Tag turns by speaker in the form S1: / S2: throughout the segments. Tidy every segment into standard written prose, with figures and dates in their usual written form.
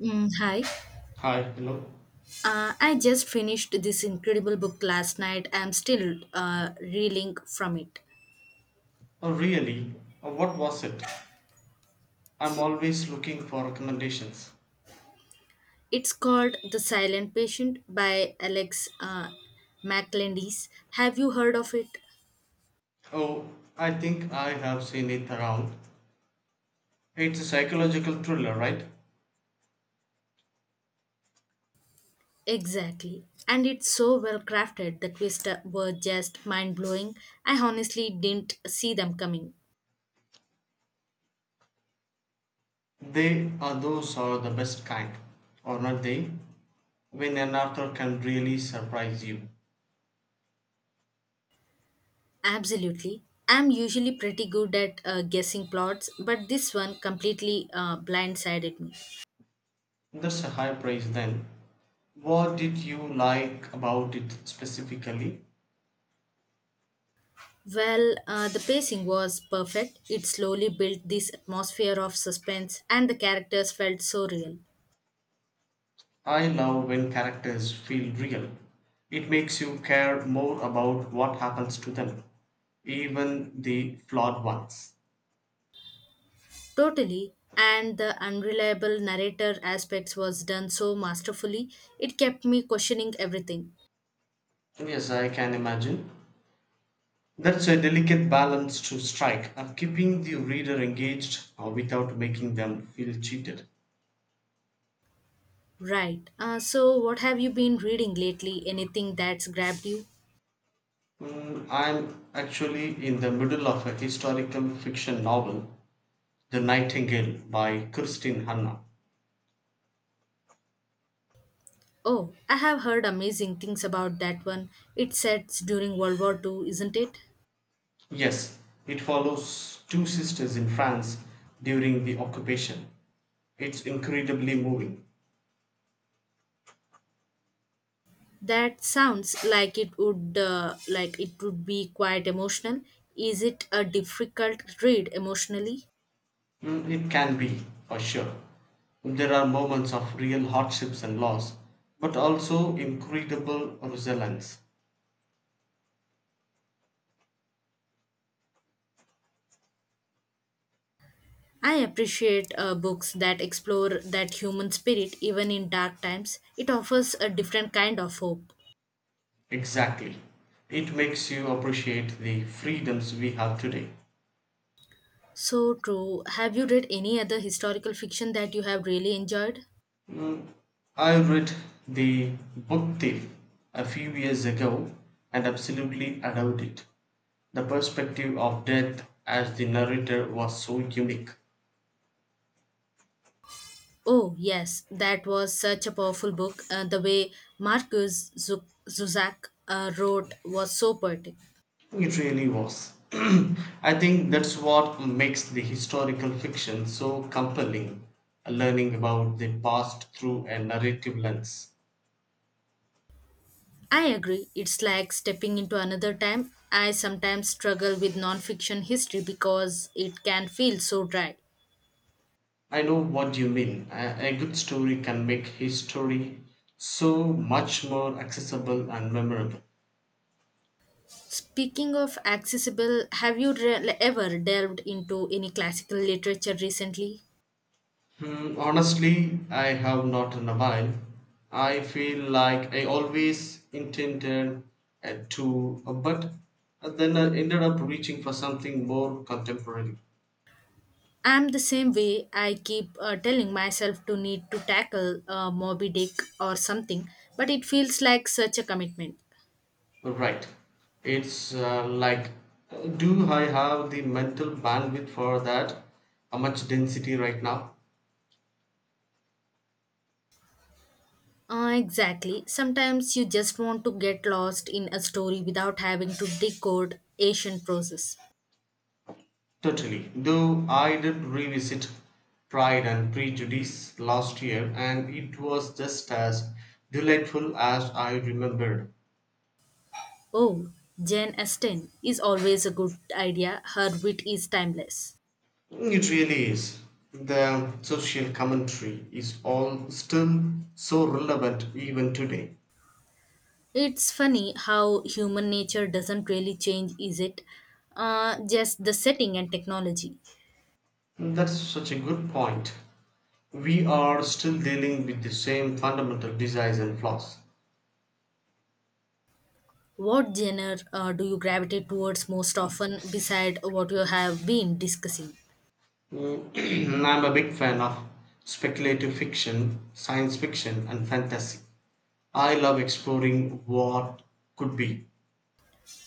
S1: Hi.
S2: Hi, hello.
S1: I just finished this incredible book last night. I'm still reeling from it.
S2: Oh, really? Oh, what was it? I'm always looking for recommendations.
S1: It's called The Silent Patient by Alex MacLandis. Have you heard of it?
S2: Oh, I think I have seen it around. It's a psychological thriller, right?
S1: Exactly. And it's so well crafted. The twists were just mind blowing. I honestly didn't see them coming.
S2: They are those are the best kind, or not they? When an author can really surprise you.
S1: Absolutely. I'm usually pretty good at guessing plots, but this one completely blindsided me.
S2: That's a high praise then. What did you like about it specifically?
S1: Well, the pacing was perfect. It slowly built this atmosphere of suspense, and the characters felt so real.
S2: I love when characters feel real. It makes you care more about what happens to them, even the flawed ones.
S1: Totally. And the unreliable narrator aspects was done so masterfully, it kept me questioning everything.
S2: Yes, I can imagine. That's a delicate balance to strike, keeping the reader engaged without making them feel cheated.
S1: Right. So, what have you been reading lately? Anything that's grabbed you?
S2: I'm actually in the middle of a historical fiction novel, The Nightingale by Christine Hanna.
S1: Oh, I have heard amazing things about that one. It sets during World War II, isn't it?
S2: Yes, it follows two sisters in France during the occupation. It's incredibly moving.
S1: That sounds like it would be quite emotional. Is it a difficult read emotionally?
S2: It can be, for sure. There are moments of real hardships and loss, but also incredible resilience.
S1: I appreciate books that explore that human spirit even in dark times. It offers a different kind of hope.
S2: Exactly. It makes you appreciate the freedoms we have today.
S1: So true. Have you read any other historical fiction that you have really enjoyed?
S2: Mm, I read The Book Thief a few years ago and absolutely adored it. The perspective of death as the narrator was so unique.
S1: Oh, yes, that was such a powerful book. The way Marcus Zu- Zuzak wrote was so poetic.
S2: It really was. I think that's what makes the historical fiction so compelling, learning about the past through a narrative lens.
S1: I agree. It's like stepping into another time. I sometimes struggle with nonfiction history because it can feel so dry.
S2: I know what you mean. A good story can make history so much more accessible and memorable.
S1: Speaking of accessible, have you ever delved into any classical literature recently?
S2: Hmm, honestly, I have not in a while. I feel like I always intended to, but then I ended up reaching for something more contemporary.
S1: I'm the same way. I keep telling myself to need to tackle Moby Dick or something, but it feels like such a commitment.
S2: Right. It's like, do I have the mental bandwidth for that much density right now?
S1: Exactly. Sometimes you just want to get lost in a story without having to decode ancient process.
S2: Totally. Though I did revisit Pride and Prejudice last year, and it was just as delightful as I remembered.
S1: Oh, Jane Austen is always a good idea. Her wit is timeless.
S2: It really is. The social commentary is all still so relevant even today.
S1: It's funny how human nature doesn't really change, is it? Just the setting and technology.
S2: That's such a good point. We are still dealing with the same fundamental desires and flaws.
S1: What genre do you gravitate towards most often beside what you have been discussing?
S2: I'm a big fan of speculative fiction, science fiction, and fantasy. I love exploring what could be.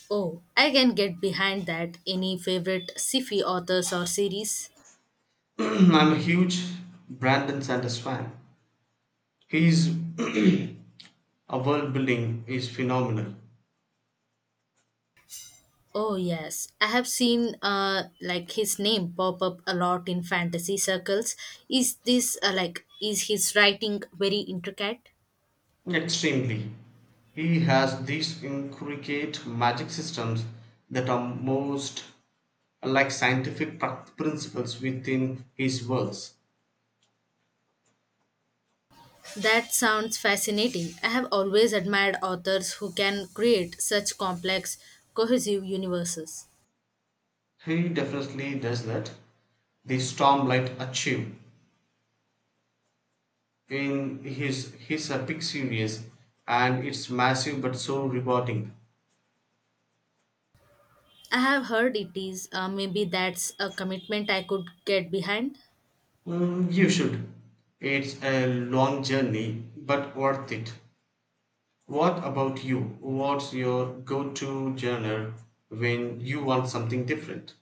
S1: Oh, I can get behind that. Any favorite sci-fi authors or series?
S2: I'm a huge Brandon Sanders fan. His a world building is phenomenal.
S1: Oh yes, I have seen like his name pop up a lot in fantasy circles. Is this is his writing very intricate?
S2: Extremely. He has these intricate magic systems that are most like scientific principles within his works.
S1: That sounds fascinating. I have always admired authors who can create such complex, cohesive universes.
S2: He definitely does that. The Stormlight Achieve in his epic series, and it's massive but so rewarding.
S1: I have heard it is maybe that's a commitment I could get behind.
S2: You should. It's a long journey, but worth it. What about you? What's your go to genre when you want something different?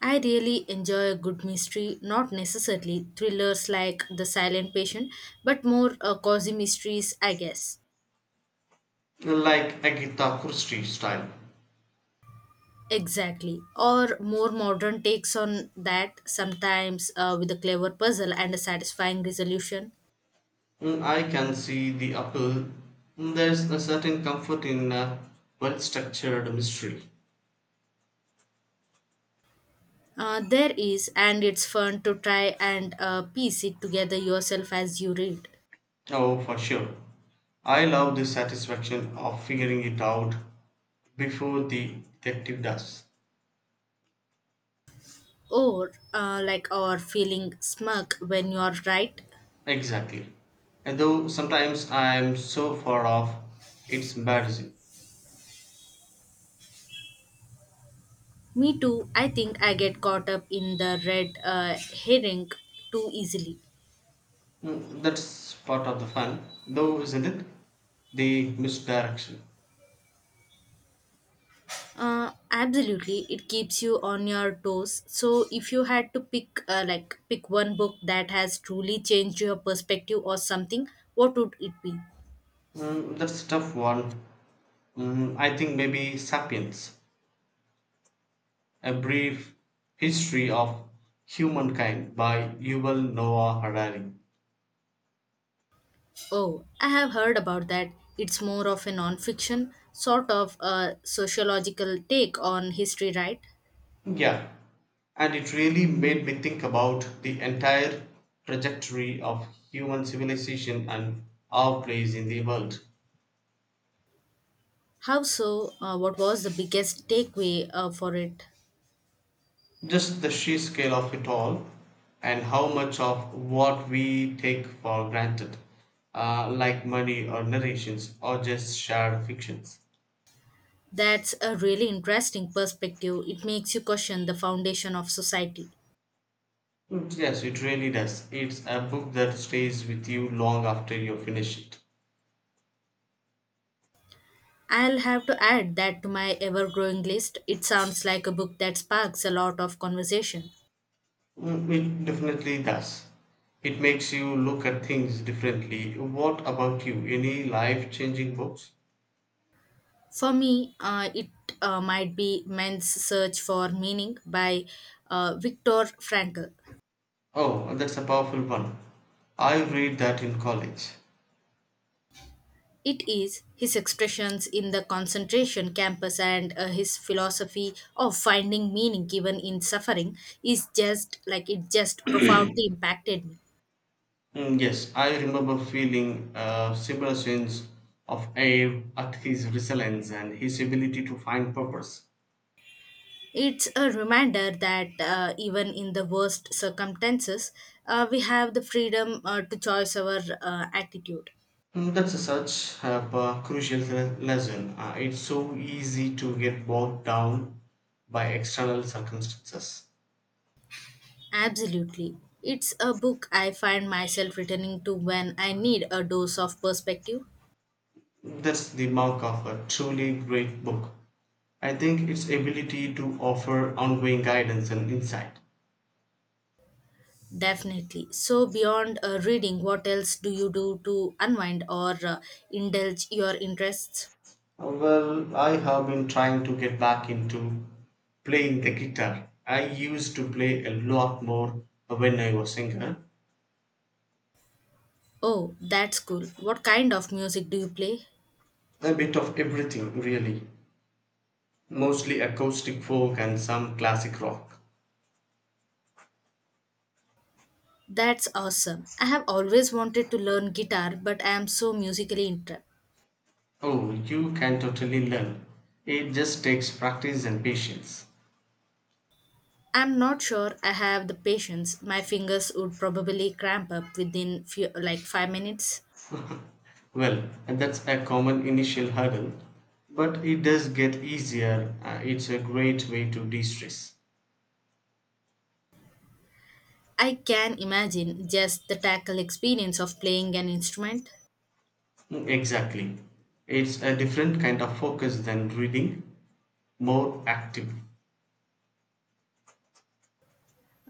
S1: I really enjoy a good mystery, not necessarily thrillers like The Silent Patient, but more cozy mysteries, I guess.
S2: Like Agatha Christie style.
S1: Exactly. Or more modern takes on that, sometimes with a clever puzzle and a satisfying resolution.
S2: I can see the appeal. There's a certain comfort in a well structured mystery.
S1: There is, and it's fun to try and piece it together yourself as you read.
S2: Oh, for sure. I love the satisfaction of figuring it out before the detective does.
S1: Or feeling smug when you're right.
S2: Exactly. And though sometimes I'm so far off, it's embarrassing.
S1: Me too, I think I get caught up in the red herring too easily.
S2: That's part of the fun, though, isn't it? The misdirection.
S1: Absolutely, it keeps you on your toes. So, if you had to pick, pick one book that has truly changed your perspective or something, what would it be?
S2: That's a tough one. I think maybe Sapiens, a brief history of humankind by Yuval Noah Harari.
S1: Oh, I have heard about that. It's more of a non-fiction sort of a sociological take on history, right?
S2: Yeah, and it really made me think about the entire trajectory of human civilization and our place in the world.
S1: How so? What was the biggest takeaway for it?
S2: Just the sheer scale of it all, and how much of what we take for granted, like money or narrations or just shared fictions.
S1: That's a really interesting perspective. It makes you question the foundation of society.
S2: Yes, it really does. It's a book that stays with you long after you finish it.
S1: I'll have to add that to my ever growing list. It sounds like a book that sparks a lot of conversation.
S2: It definitely does. It makes you look at things differently. What about you? Any life changing books?
S1: For me, it might be Man's Search for Meaning by Viktor Frankl.
S2: Oh, that's a powerful one. I read that in college.
S1: It is his expressions in the concentration campus and his philosophy of finding meaning even in suffering is just profoundly impacted me.
S2: Yes, I remember feeling a similar sense of awe at his resilience and his ability to find purpose.
S1: It's a reminder that even in the worst circumstances, we have the freedom to choose our attitude.
S2: That's a such a crucial lesson. It's so easy to get bogged down by external circumstances.
S1: Absolutely. It's a book I find myself returning to when I need a dose of perspective.
S2: That's the mark of a truly great book. I think its ability to offer ongoing guidance and insight.
S1: Definitely. So, beyond reading, what else do you do to unwind or indulge your interests?
S2: Well, I have been trying to get back into playing the guitar. I used to play a lot more when I was younger.
S1: Oh, that's cool. What kind of music do you play?
S2: A bit of everything, really. Mostly acoustic folk and some classic rock.
S1: That's awesome. I have always wanted to learn guitar, but I am so musically
S2: Oh, you can totally learn. It just takes practice and patience.
S1: I'm not sure I have the patience. My fingers would probably cramp up within few, like 5 minutes.
S2: Well, and that's a common initial hurdle, but it does get easier. It's a great way to de stress.
S1: I can imagine just the tackle experience of playing an instrument.
S2: Exactly. It's a different kind of focus than reading, more active.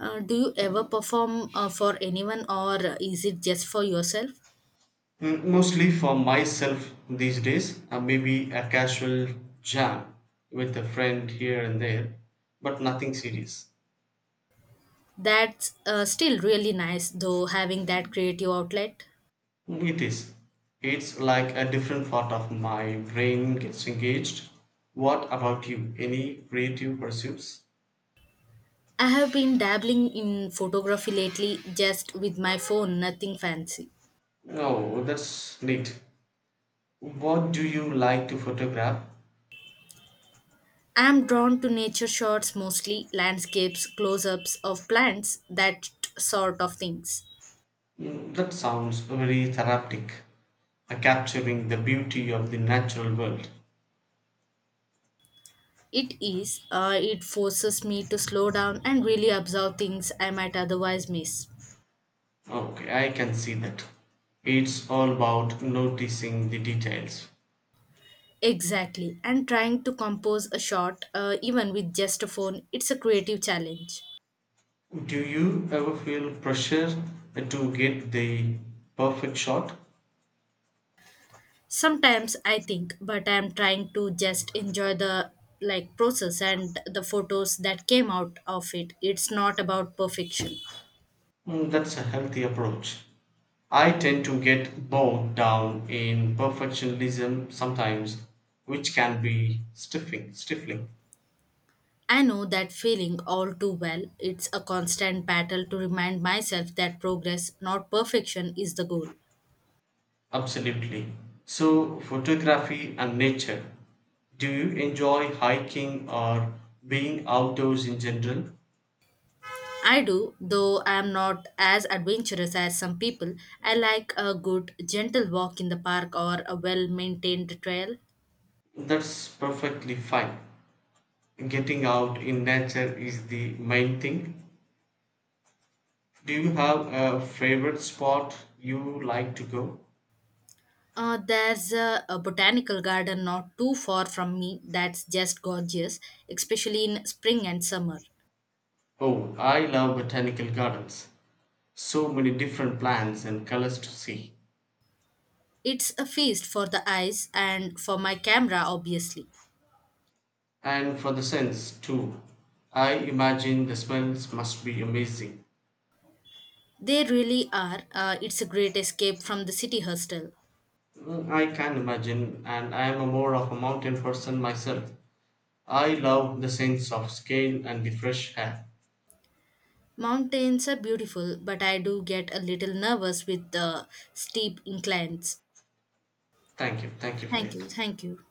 S1: Do you ever perform for anyone or is it just for yourself?
S2: Mostly for myself these days, maybe a casual jam with a friend here and there, but nothing serious.
S1: That's still really nice though having that creative outlet.
S2: It is. It's like a different part of my brain gets engaged. What about you? Any creative pursuits?
S1: I have been dabbling in photography lately just with my phone, nothing fancy.
S2: Oh, that's neat. What do you like to photograph?
S1: I'm drawn to nature shots mostly, landscapes, close ups of plants, that sort of things.
S2: That sounds very therapeutic, capturing the beauty of the natural world.
S1: It is, it forces me to slow down and really observe things I might otherwise miss.
S2: Okay, I can see that. It's all about noticing the details.
S1: Exactly, and trying to compose a shot, even with just a phone, it's a creative challenge.
S2: Do you ever feel pressure to get the perfect shot?
S1: Sometimes I think, but I'm trying to just enjoy the process and the photos that came out of it. It's not about perfection.
S2: That's a healthy approach. I tend to get bogged down in perfectionism sometimes, which can be stifling.
S1: I know that feeling all too well. It's a constant battle to remind myself that progress, not perfection, is the goal.
S2: Absolutely. So, photography and nature. Do you enjoy hiking or being outdoors in general?
S1: I do, though I am not as adventurous as some people. I like a good, gentle walk in the park or a well maintained trail.
S2: That's perfectly fine. Getting out in nature is the main thing. Do you have a favorite spot you like to go?
S1: There's a botanical garden not too far from me that's just gorgeous, especially in spring and summer.
S2: Oh, I love botanical gardens. So many different plants and colors to see.
S1: It's a feast for the eyes and for my camera, obviously.
S2: And for the scents too. I imagine the smells must be amazing.
S1: They really are. It's a great escape from the city hostel.
S2: I can imagine, and I am a more of a mountain person myself. I love the sense of scale and the fresh air.
S1: Mountains are beautiful, but I do get a little nervous with the steep inclines.
S2: Thank you for
S1: Thank
S2: it.
S1: you, thank you.